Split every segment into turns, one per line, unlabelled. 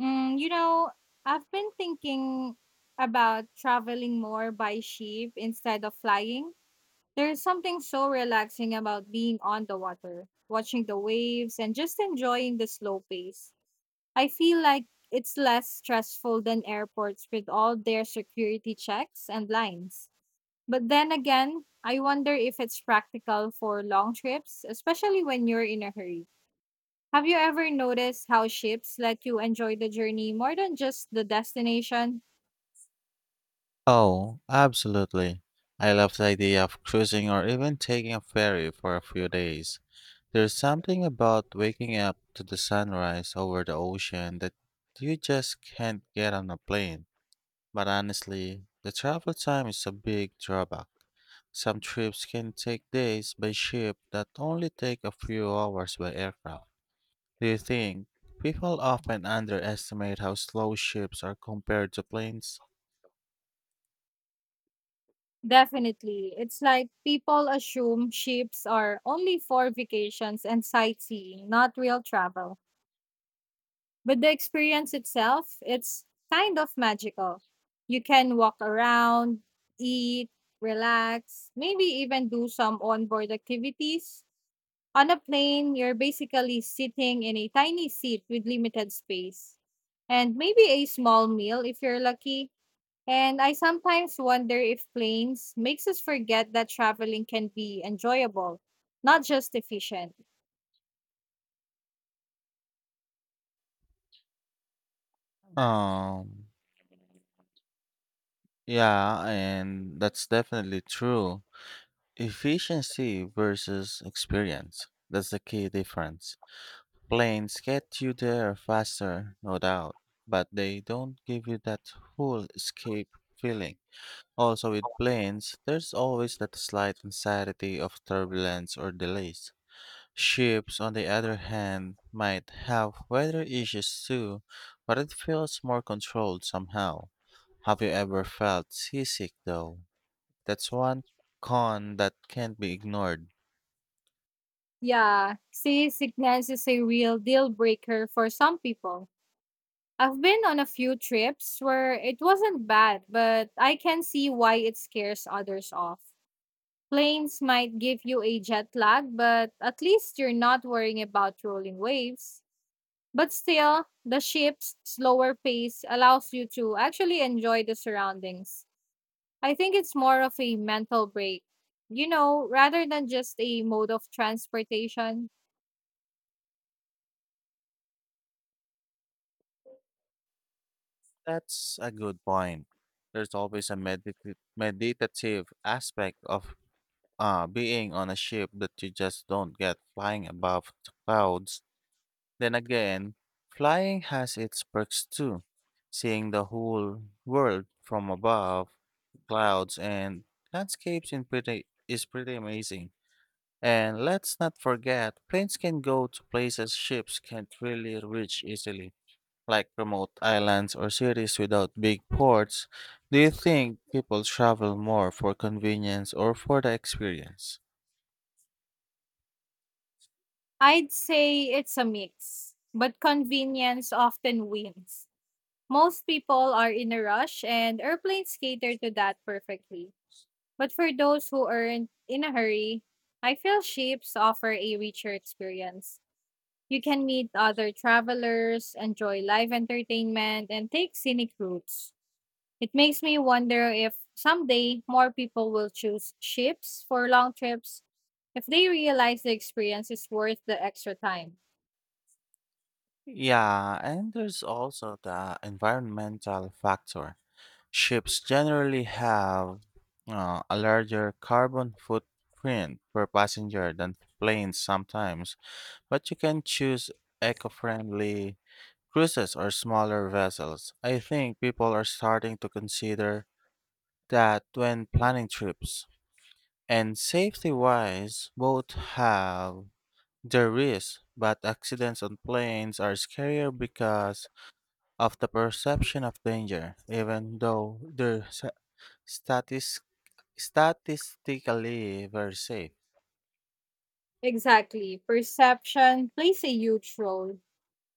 Mm, you know, I've been thinking about traveling more by ship instead of flying. There's something so relaxing about being on the water, watching the waves, and just enjoying the slow pace. I feel like it's less stressful than airports with all their security checks and lines. But then again, I wonder if it's practical for long trips, especially when you're in a hurry. Have you ever noticed how ships let you enjoy the journey more than just the destination?
Oh, absolutely. I love the idea of cruising or even taking a ferry for a few days. There's something about waking up to the sunrise over the ocean that you just can't get on a plane. But honestly, the travel time is a big drawback. Some trips can take days by ship that only take a few hours by aircraft. Do you think people often underestimate how slow ships are compared to planes?
Definitely. It's like people assume ships are only for vacations and sightseeing, not real travel. But the experience itself, it's kind of magical. You can walk around, eat, relax, maybe even do some onboard activities. On a plane, you're basically sitting in a tiny seat with limited space, and maybe a small meal if you're lucky. And I sometimes wonder if planes makes us forget that traveling can be enjoyable, not just efficient.
Um, yeah, and that's definitely true. Efficiency versus experience. That's the key difference. Planes get you there faster, no doubt, but they don't give you that full escape feeling. Also, with planes, there's always that slight anxiety of turbulence or delays. Ships, on the other hand, might have weather issues too, but it feels more controlled somehow. Have you ever felt seasick though? That's one con that can't be ignored.
Yeah, seasickness is a real deal breaker for some people. I've been on a few trips where it wasn't bad, but I can see why it scares others off. Planes might give you a jet lag, but at least you're not worrying about rolling waves. But still, the ship's slower pace allows you to actually enjoy the surroundings. I think it's more of a mental break, you know, rather than just a mode of transportation.
That's a good point. There's always a meditative aspect of being on a ship that you just don't get flying above the clouds. Then again, flying has its perks too. Seeing the whole world from above, clouds and landscapes in pretty is pretty amazing. And let's not forget, planes can go to places ships can't really reach easily, like remote islands or cities without big ports. Do you think people travel more for convenience or for the experience?
I'd say it's a mix, but convenience often wins. Most people are in a rush, and airplanes cater to that perfectly. But for those who aren't in a hurry, I feel ships offer a richer experience. You can meet other travelers, enjoy live entertainment, and take scenic routes. It makes me wonder if someday more people will choose ships for long trips if they realize the experience is worth the extra time.
Yeah, and there's also the environmental factor. Ships generally have a larger carbon footprint per passenger than planes sometimes. But you can choose eco friendly cruises or smaller vessels. I think people are starting to consider that when planning trips. And safety wise, both have their risks, but accidents on planes are scarier because of the perception of danger, even though they're statis- statistically very safe.
Exactly. Perception plays a huge role.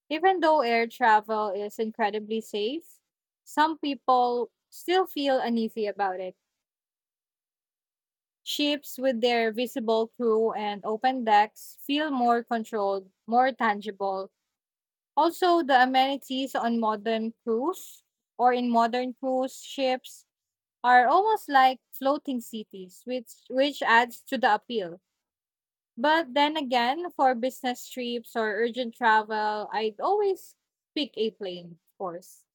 Even though air travel is incredibly safe, some people still feel uneasy about it. Ships with their visible crew and open decks feel more controlled, more tangible. Also, the amenities on modern cruise or in modern cruise ships are almost like floating cities, which adds to the appeal. But then again, for business trips or urgent travel, I'd always pick a plane, of course.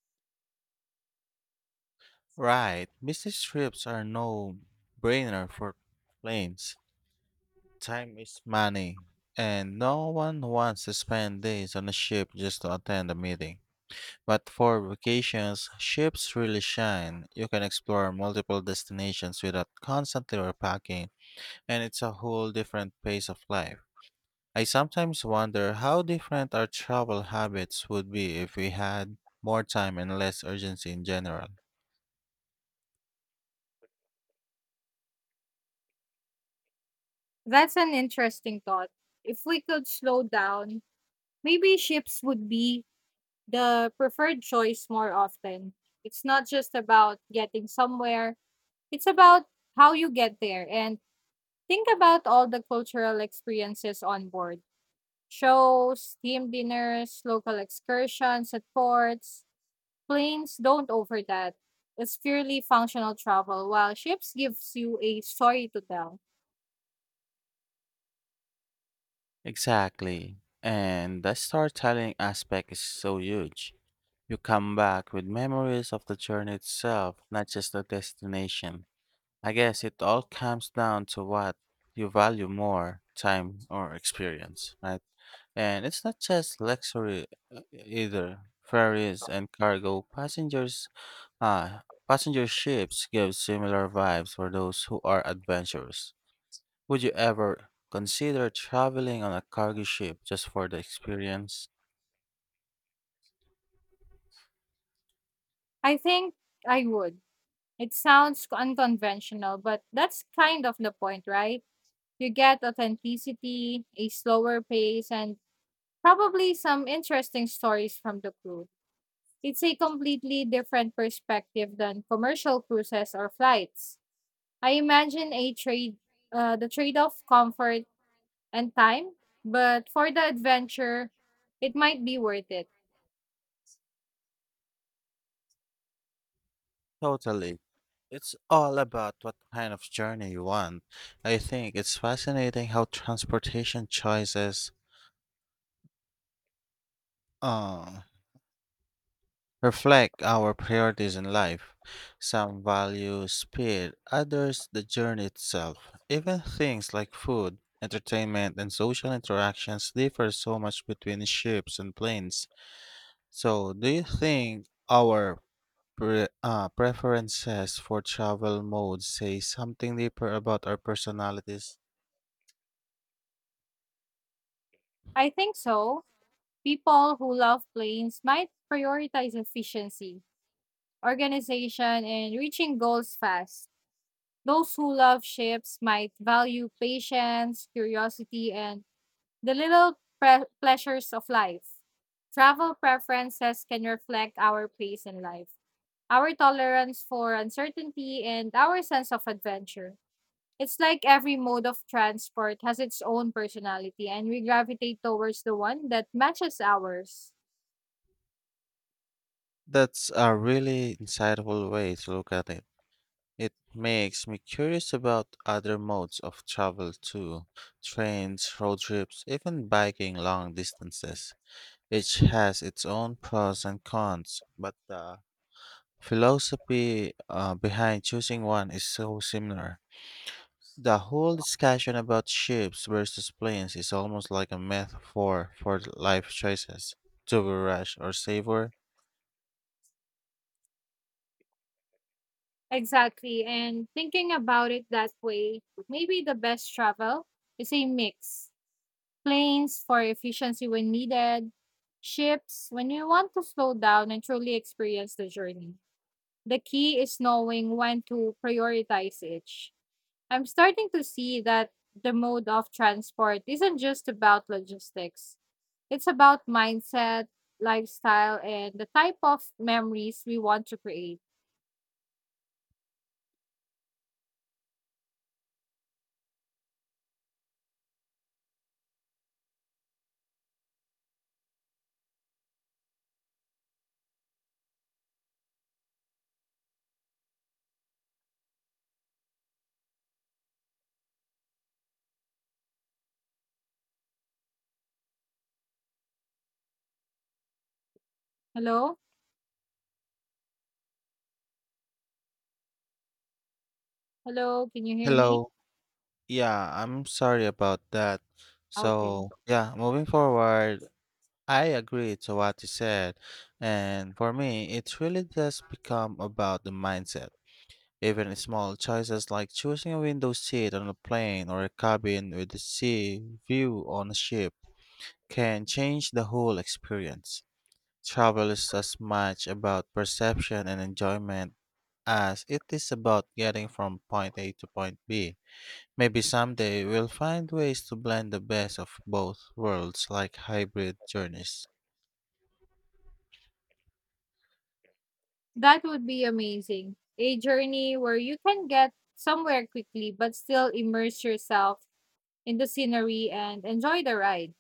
Right, business trips are no brainer for planes. Time is money, and no one wants to spend days on a ship just to attend a meeting. But for vacations, ships really shine. You can explore multiple destinations without constantly repacking, and it's a whole different pace of life. I sometimes wonder how different our travel habits would be if we had more time and less urgency in general.
That's an interesting thought. If we could slow down, maybe ships would be the preferred choice more often. It's not just about getting somewhere, it's about how you get there. And think about all the cultural experiences on board: shows, team dinners, local excursions at ports. Planes don't offer that. It's purely functional travel, while ships gives you a story to tell.
Exactly. And the storytelling aspect is so huge. You come back with memories of the journey itself, not just the destination. I guess it all comes down to what you value more, time or experience, right? And it's not just luxury either. Ferries and uh, passenger ships give similar vibes for those who are adventurous. Would you ever consider traveling on a cargo ship just for the experience?
I think I would. It sounds unconventional, but that's kind of the point, right? You get authenticity, a slower pace, and probably some interesting stories from the crew. It's a completely different perspective than commercial cruises or flights. I imagine the trade off comfort and time, but for the adventure, it might be worth it.
Totally. It's all about what kind of journey you want. I think it's fascinating how transportation choices uh, reflect our priorities in life. Some value speed, others the journey itself. Even things like food, entertainment, and social interactions differ so much between ships and planes. So, do you think our preferences for travel modes say something deeper about our personalities?
I think so. People who love planes might prioritize efficiency, organization, and reaching goals fast. Those who love ships might value patience, curiosity, and the little pleasures of life. Travel preferences can reflect our place in life, our tolerance for uncertainty, and our sense of adventure. It's like every mode of transport has its own personality, and we gravitate towards the one that matches ours.
That's a really insightful way to look at it. It makes me curious about other modes of travel too, trains, road trips, even biking long distances. Each has its own pros and cons, but the philosophy behind choosing one is so similar. The whole discussion about ships versus planes is almost like a metaphor for life choices. Do we rush or savor?
Exactly. And thinking about it that way, maybe the best travel is a mix. Planes for efficiency when needed, ships when you want to slow down and truly experience the journey. The key is knowing when to prioritize each. I'm starting to see that the mode of transport isn't just about logistics, it's about mindset, lifestyle, and the type of memories we want to create. Hello? Hello? Can you hear me?
Hello. Yeah, I'm sorry about that.
Okay.
So, yeah, moving forward, I agree to what you said. And for me, it really does become about the mindset. Even small choices like choosing a window seat on a plane or a cabin with a sea view on a ship can change the whole experience. Travel is as much about perception and enjoyment as it is about getting from point A to point B. Maybe someday we'll find ways to blend the best of both worlds, like hybrid journeys.
That would be amazing. A journey where you can get somewhere quickly but still immerse yourself in the scenery and enjoy the ride.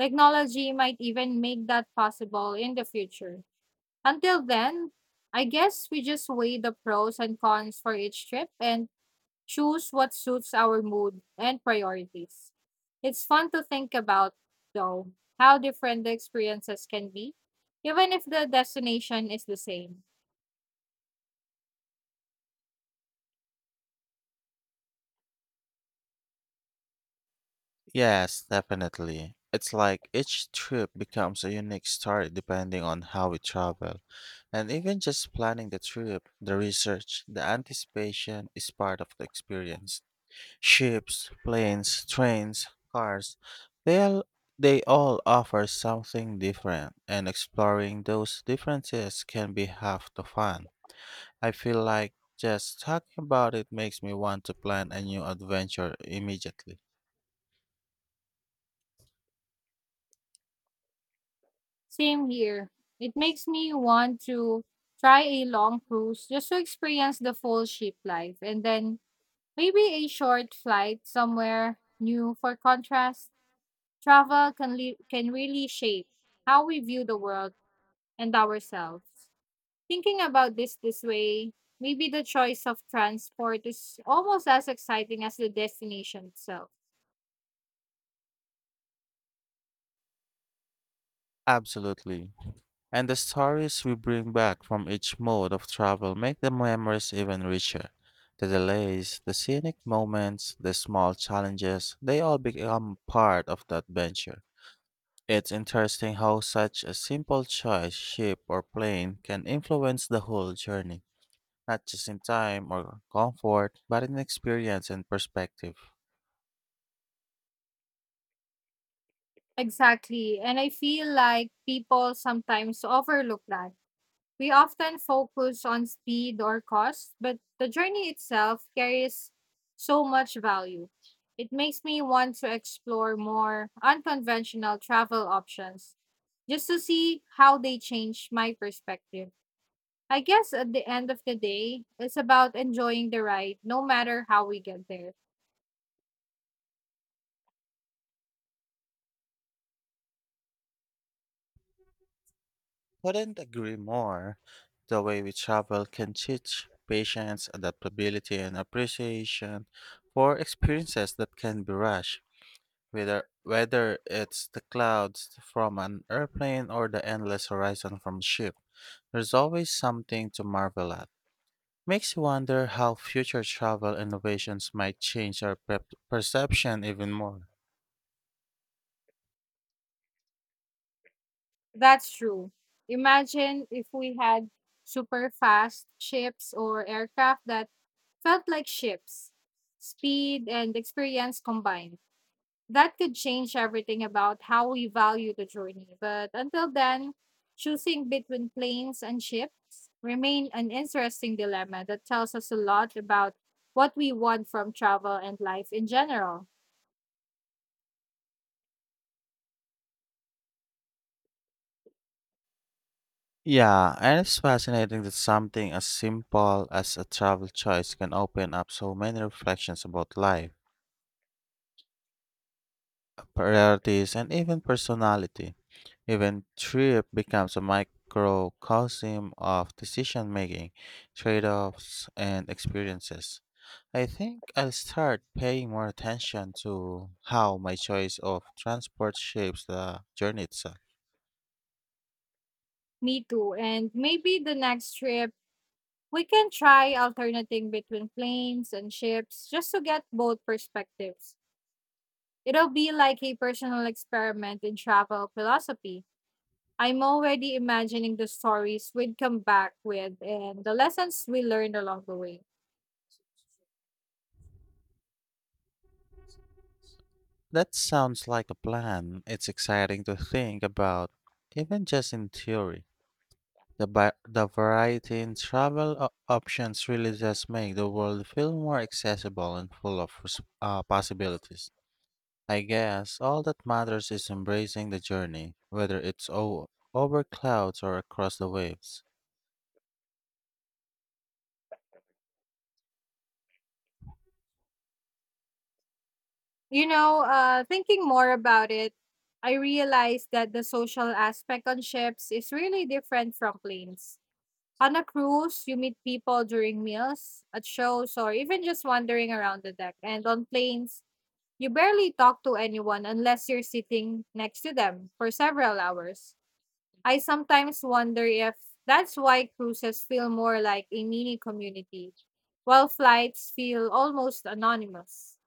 Technology might even make that possible in the future. Until then, I guess we just weigh the pros and cons for each trip and choose what suits our mood and priorities. It's fun to think about, though, how different the experiences can be, even if the destination is the same.
Yes, definitely. It's like each trip becomes a unique story depending on how we travel. And even just planning the trip, the research, the anticipation is part of the experience. Ships, planes, trains, cars, they all, they all offer something different, and exploring those differences can be half the fun. I feel like just talking about it makes me want to plan a new adventure immediately.
Same here. It makes me want to try a long cruise just to experience the full ship life and then maybe a short flight somewhere new for contrast. Travel can can really shape how we view the world and ourselves. Thinking about this way, maybe the choice of transport is almost as exciting as the destination itself.
Absolutely. And the stories we bring back from each mode of travel make the memories even richer. The delays, the scenic moments, the small challenges, they all become part of the adventure. It's interesting how such a simple choice, ship or plane, can influence the whole journey, not just in time or comfort, but in experience and perspective.
Exactly. And I feel like people sometimes overlook that. We often focus on speed or cost, but the journey itself carries so much value. It makes me want to explore more unconventional travel options just to see how they change my perspective. I guess at the end of the day, it's about enjoying the ride no matter how we get there.
Couldn't agree more. The way we travel can teach patience, adaptability, and appreciation for experiences that can be rushed, whether it's the clouds from an airplane or the endless horizon from ship. There's always something to marvel at. Makes you wonder how future travel innovations might change our prep perception even more.
That's true. Imagine if we had super fast ships or aircraft that felt like ships, speed and experience combined. That could change everything about how we value the journey. But until then, choosing between planes and ships remain an interesting dilemma that tells us a lot about what we want from travel and life in general.
Yeah, and it's fascinating that something as simple as a travel choice can open up so many reflections about life, priorities, and even personality. Even trip becomes a microcosm of decision making, trade offs, and experiences. I think I'll start paying more attention to how my choice of transport shapes the journey itself.
Me too. And maybe the next trip we can try alternating between planes and ships just to get both perspectives. It'll be like a personal experiment in travel philosophy. I'm already imagining the stories we'd come back with and the lessons we learned along the way.
That sounds like a plan. It's exciting to think about, even just in theory. The variety in travel options really does make the world feel more accessible and full of possibilities. I guess all that matters is embracing the journey, whether it's over clouds or across the waves.
Thinking more about it, I realized that the social aspect on ships is really different from planes. On a cruise, you meet people during meals, at shows, or even just wandering around the deck. And on planes, you barely talk to anyone unless you're sitting next to them for several hours. I sometimes wonder if that's why cruises feel more like a mini community, while flights feel almost anonymous.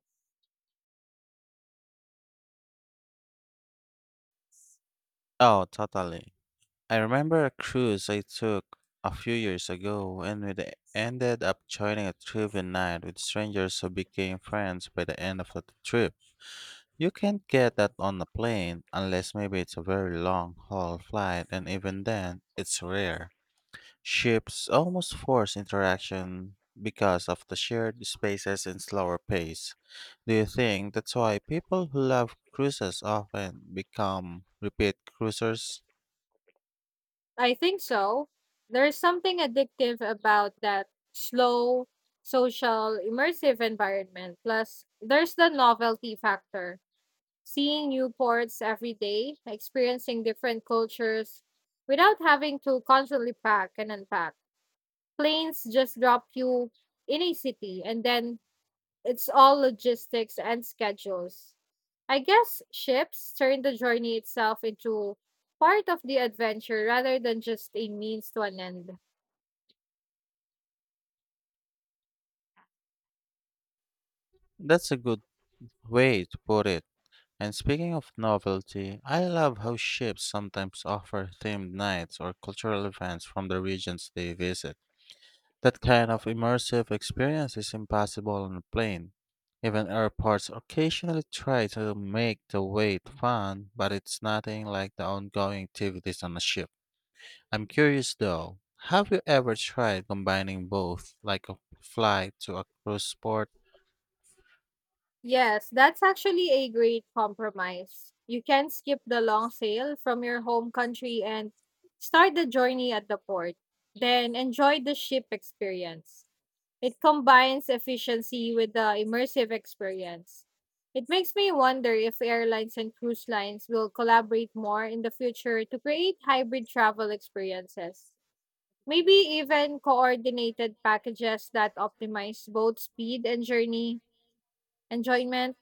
Oh, totally. I remember a cruise I took a few years ago and ended up joining a trivia night with strangers who became friends by the end of the trip. You can't get that on a plane unless maybe it's a very long haul flight and even then it's rare. Ships almost force interaction because of the shared spaces and slower pace. Do you think that's why people who love cruises often become repeat cruisers?
I think so. There's something addictive about that slow, social, immersive environment. Plus, there's the novelty factor. Seeing new ports every day, experiencing different cultures without having to constantly pack and unpack. Planes just drop you in a city and then it's all logistics and schedules. I guess ships turn the journey itself into part of the adventure rather than just a means to an end.
That's a good. Wait, to put it. And speaking of novelty, I love how ships sometimes offer themed nights or cultural events from the regions they visit. That kind of immersive experience is impossible on a plane. Even airports occasionally try to make the wait fun, but it's nothing like the ongoing activities on a ship. I'm curious though, have you ever tried combining both, like a flight to a cruise port?
Yes, that's actually a great compromise. You can skip the long sail from your home country and start the journey at the port, then enjoy the ship experience. It combines efficiency with the immersive experience. It makes me wonder if airlines and cruise lines will collaborate more in the future to create hybrid travel experiences. Maybe even coordinated packages that optimize both speed and journey enjoyment.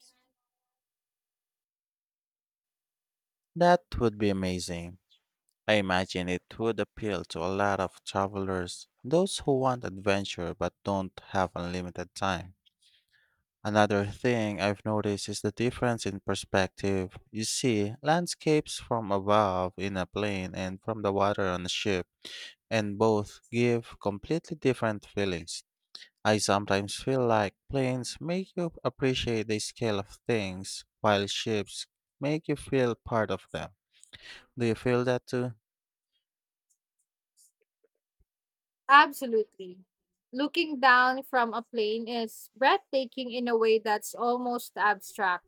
That would be amazing. I imagine it would appeal to a lot of travelers, those who want adventure but don't have unlimited time. Another thing I've noticed is the difference in perspective. You see landscapes from above in a plane and from the water on a ship, and both give completely different feelings. I sometimes feel like planes make you appreciate the scale of things, while ships make you feel part of them. Do you feel that too?
Absolutely. Looking down from a plane is breathtaking in a way that's almost abstract.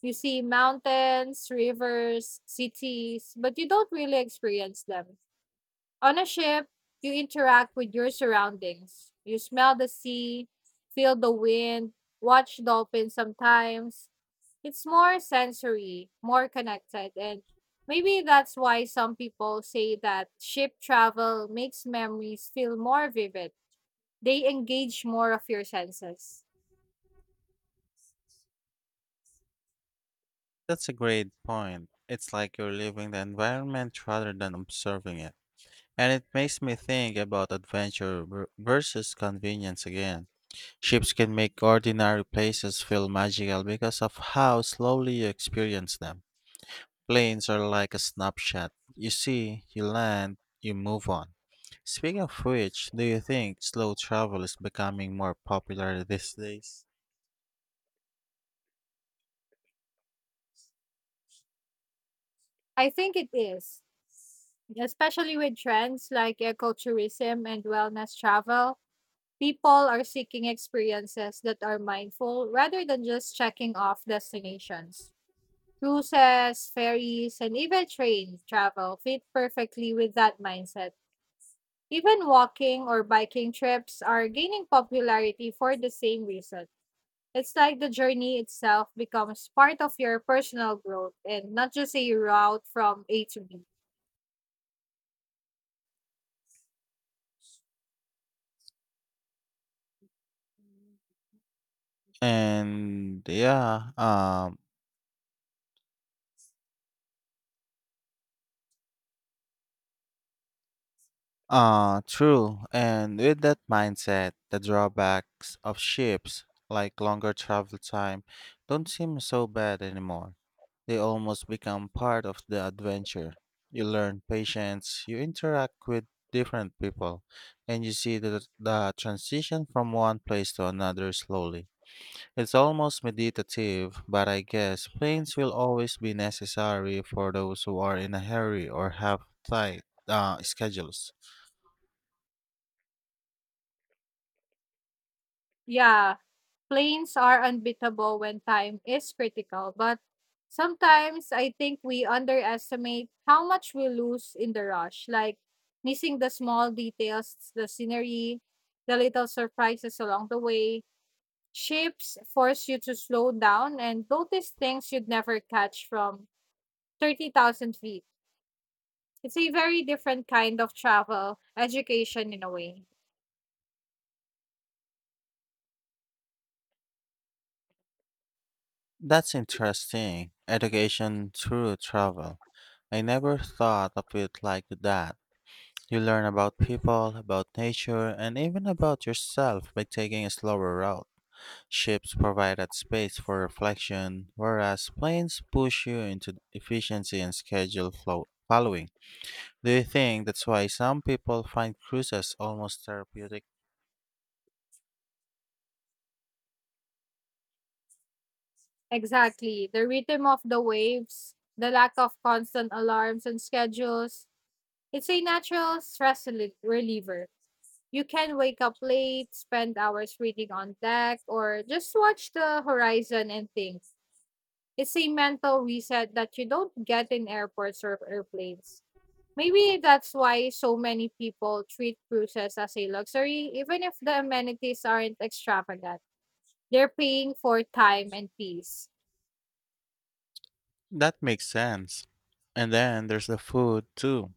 You see mountains, rivers, cities, but you don't really experience them. On a ship, you interact with your surroundings. You smell the sea, feel the wind, watch dolphins sometimes. It's more sensory, more connected, and maybe that's why some people say that ship travel makes memories feel more vivid. They engage more of your senses.
That's a great point. It's like you're living the environment rather than observing it. And it makes me think about adventure versus convenience again. Ships can make ordinary places feel magical because of how slowly you experience them. Planes are like a snapshot. You see, you land, you move on. Speaking of which, do you think slow travel is becoming more popular these days?
I think it is, especially with trends like ecotourism and wellness travel. People are seeking experiences that are mindful rather than just checking off destinations. Cruises, ferries, and even train travel fit perfectly with that mindset. Even walking or biking trips are gaining popularity for the same reason. It's like the journey itself becomes part of your personal growth and not just a route from A to B.
And yeah, true. And with that mindset, the drawbacks of ships, like longer travel time, don't seem so bad anymore. They almost become part of the adventure. You learn patience, you interact with different people, and you see the transition from one place to another slowly. It's almost meditative, but I guess planes will always be necessary for those who are in a hurry or have tight schedules.
Yeah, planes are unbeatable when time is critical, but sometimes I think we underestimate how much we lose in the rush, like missing the small details, the scenery, the little surprises along the way. Ships force you to slow down and notice things you'd never catch from 30,000 feet. It's a very different kind of travel, education in a way.
That's interesting. Education through travel. I never thought of it like that. You learn about people, about nature, and even about yourself by taking a slower route. Ships provide that space for reflection, whereas planes push you into efficiency and schedule flow following. Do you think that's why some people find cruises almost therapeutic?
Exactly. The rhythm of the waves, the lack of constant alarms and schedules. It's a natural stress reliever. You can wake up late, spend hours reading on deck, or just watch the horizon and think. It's a mental reset that you don't get in airports or airplanes. Maybe that's why so many people treat cruises as a luxury, even if the amenities aren't extravagant. They're paying for time and peace.
That makes sense. And then there's the food too.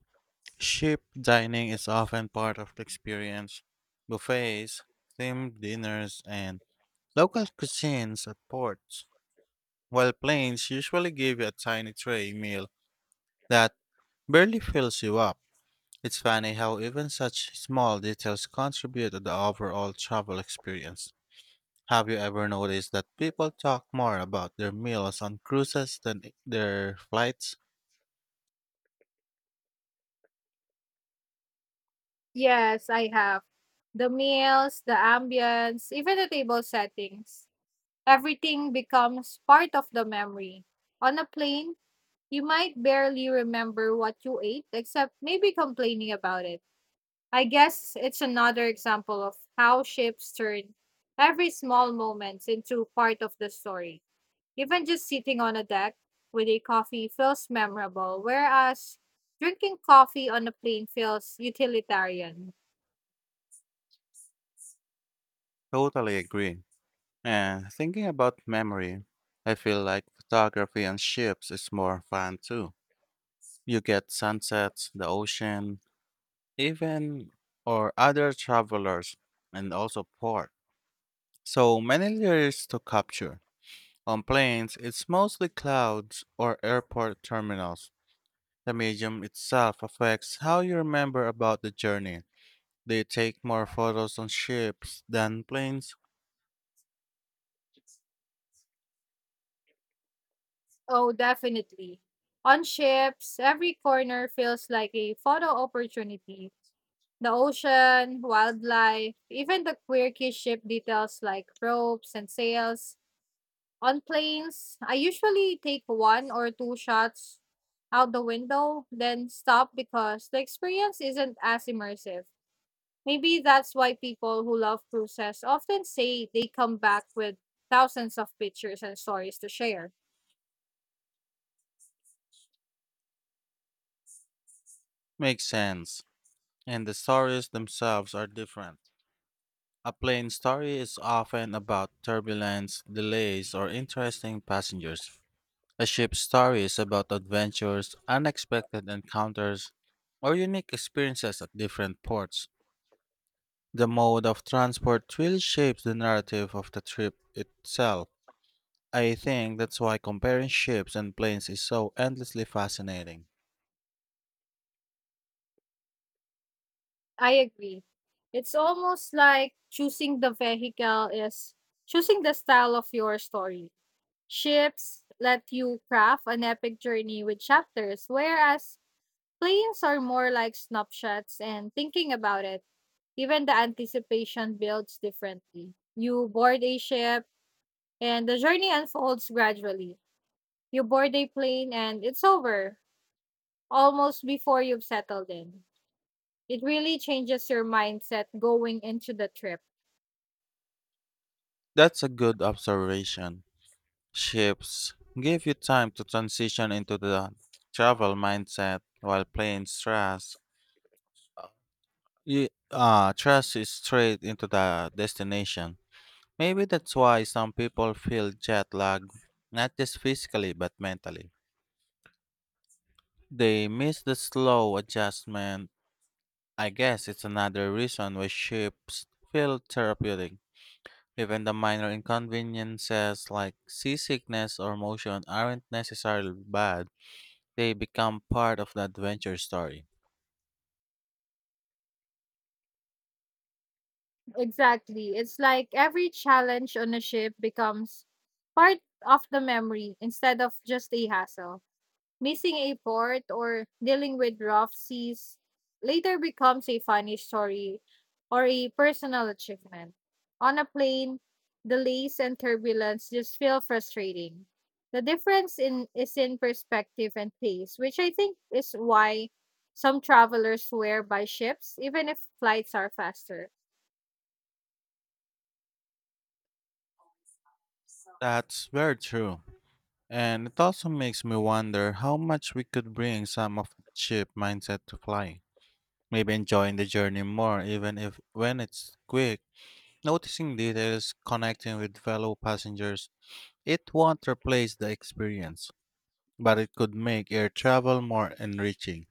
Ship dining is often part of the experience. Buffets, themed dinners, and local cuisines at ports, while planes usually give you a tiny tray meal that barely fills you up. It's funny how even such small details contribute to the overall travel experience. Have you ever noticed that people talk more about their meals on cruises than their flights?
Yes, I have. The meals, the ambience, even the table settings. Everything becomes part of the memory. On a plane, you might barely remember what you ate, except maybe complaining about it. I guess it's another example of how ships turn every small moment into part of the story. Even just sitting on a deck with a coffee feels memorable, whereas drinking coffee on a plane feels utilitarian.
Totally agree. And thinking about memory, I feel like photography on ships is more fun too. You get sunsets, the ocean, even or other travelers, and also port. So many layers to capture. On planes, it's mostly clouds or airport terminals. The medium itself affects how you remember about the journey. They take more photos on ships than planes.
Oh, definitely. On ships, every corner feels like a photo opportunity. The ocean, wildlife, even the quirky ship details like ropes and sails. On planes, I usually take one or two shots out the window, then stop because the experience isn't as immersive. Maybe that's why people who love cruises often say they come back with thousands of pictures and stories to share.
Makes sense. And the stories themselves are different. A plane story is often about turbulence, delays, or interesting passengers. A ship story is about adventures, unexpected encounters, or unique experiences at different ports. The mode of transport really shapes the narrative of the trip itself. I think that's why comparing ships and planes is so endlessly fascinating.
I agree. It's almost like choosing the vehicle is choosing the style of your story. Ships let you craft an epic journey with chapters, whereas planes are more like snapshots, and thinking about it, even the anticipation builds differently. You board a ship, and the journey unfolds gradually. You board a plane and it's over almost before you've settled in. It really changes your mindset going into the trip.
That's a good observation. Ships give you time to transition into the travel mindset, while planes thrust you straight into the destination. Maybe that's why some people feel jet lag, not just physically but mentally. They miss the slow adjustment. I guess it's another reason why ships feel therapeutic. Even the minor inconveniences like seasickness or motion aren't necessarily bad. They become part of the adventure story.
Exactly. It's like every challenge on a ship becomes part of the memory instead of just a hassle. Missing a port or dealing with rough seas later becomes a funny story or a personal achievement. On a plane, delays and turbulence just feel frustrating. The difference in is in perspective and pace, which I think is why some travelers swear by ships even if flights are faster.
That's very true. And it also makes me wonder how much we could bring some of the cheap mindset to flying. Maybe enjoying the journey more, even if when it's quick, noticing details, connecting with fellow passengers. It won't replace the experience, but it could make air travel more enriching.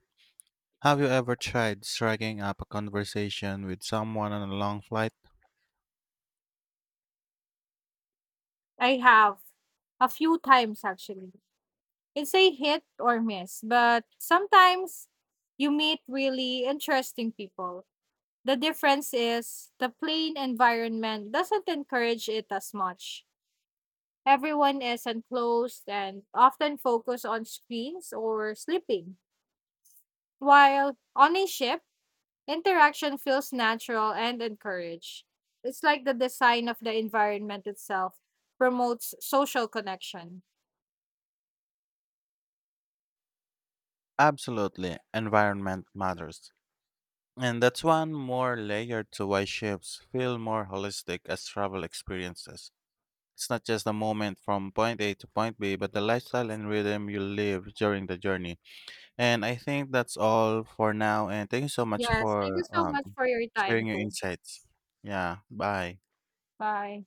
Have you ever tried striking up a conversation with someone on a long flight?
I have a few times actually. It's a hit or miss, but sometimes you meet really interesting people. The difference is the plain environment doesn't encourage it as much. Everyone is enclosed and often focused on screens or sleeping, while on a ship, interaction feels natural and encouraged. It's like the design of the environment itself promotes social connection.
Absolutely, environment matters. And that's one more layer to why ships feel more holistic as travel experiences. It's not just a moment from point A to point B, but the lifestyle and rhythm you live during the journey. And I think that's all for now. And thank you so much
Yes, thank
for
you so
um,
much for your
sharing
time
your
too.
insights. Yeah, bye.
Bye.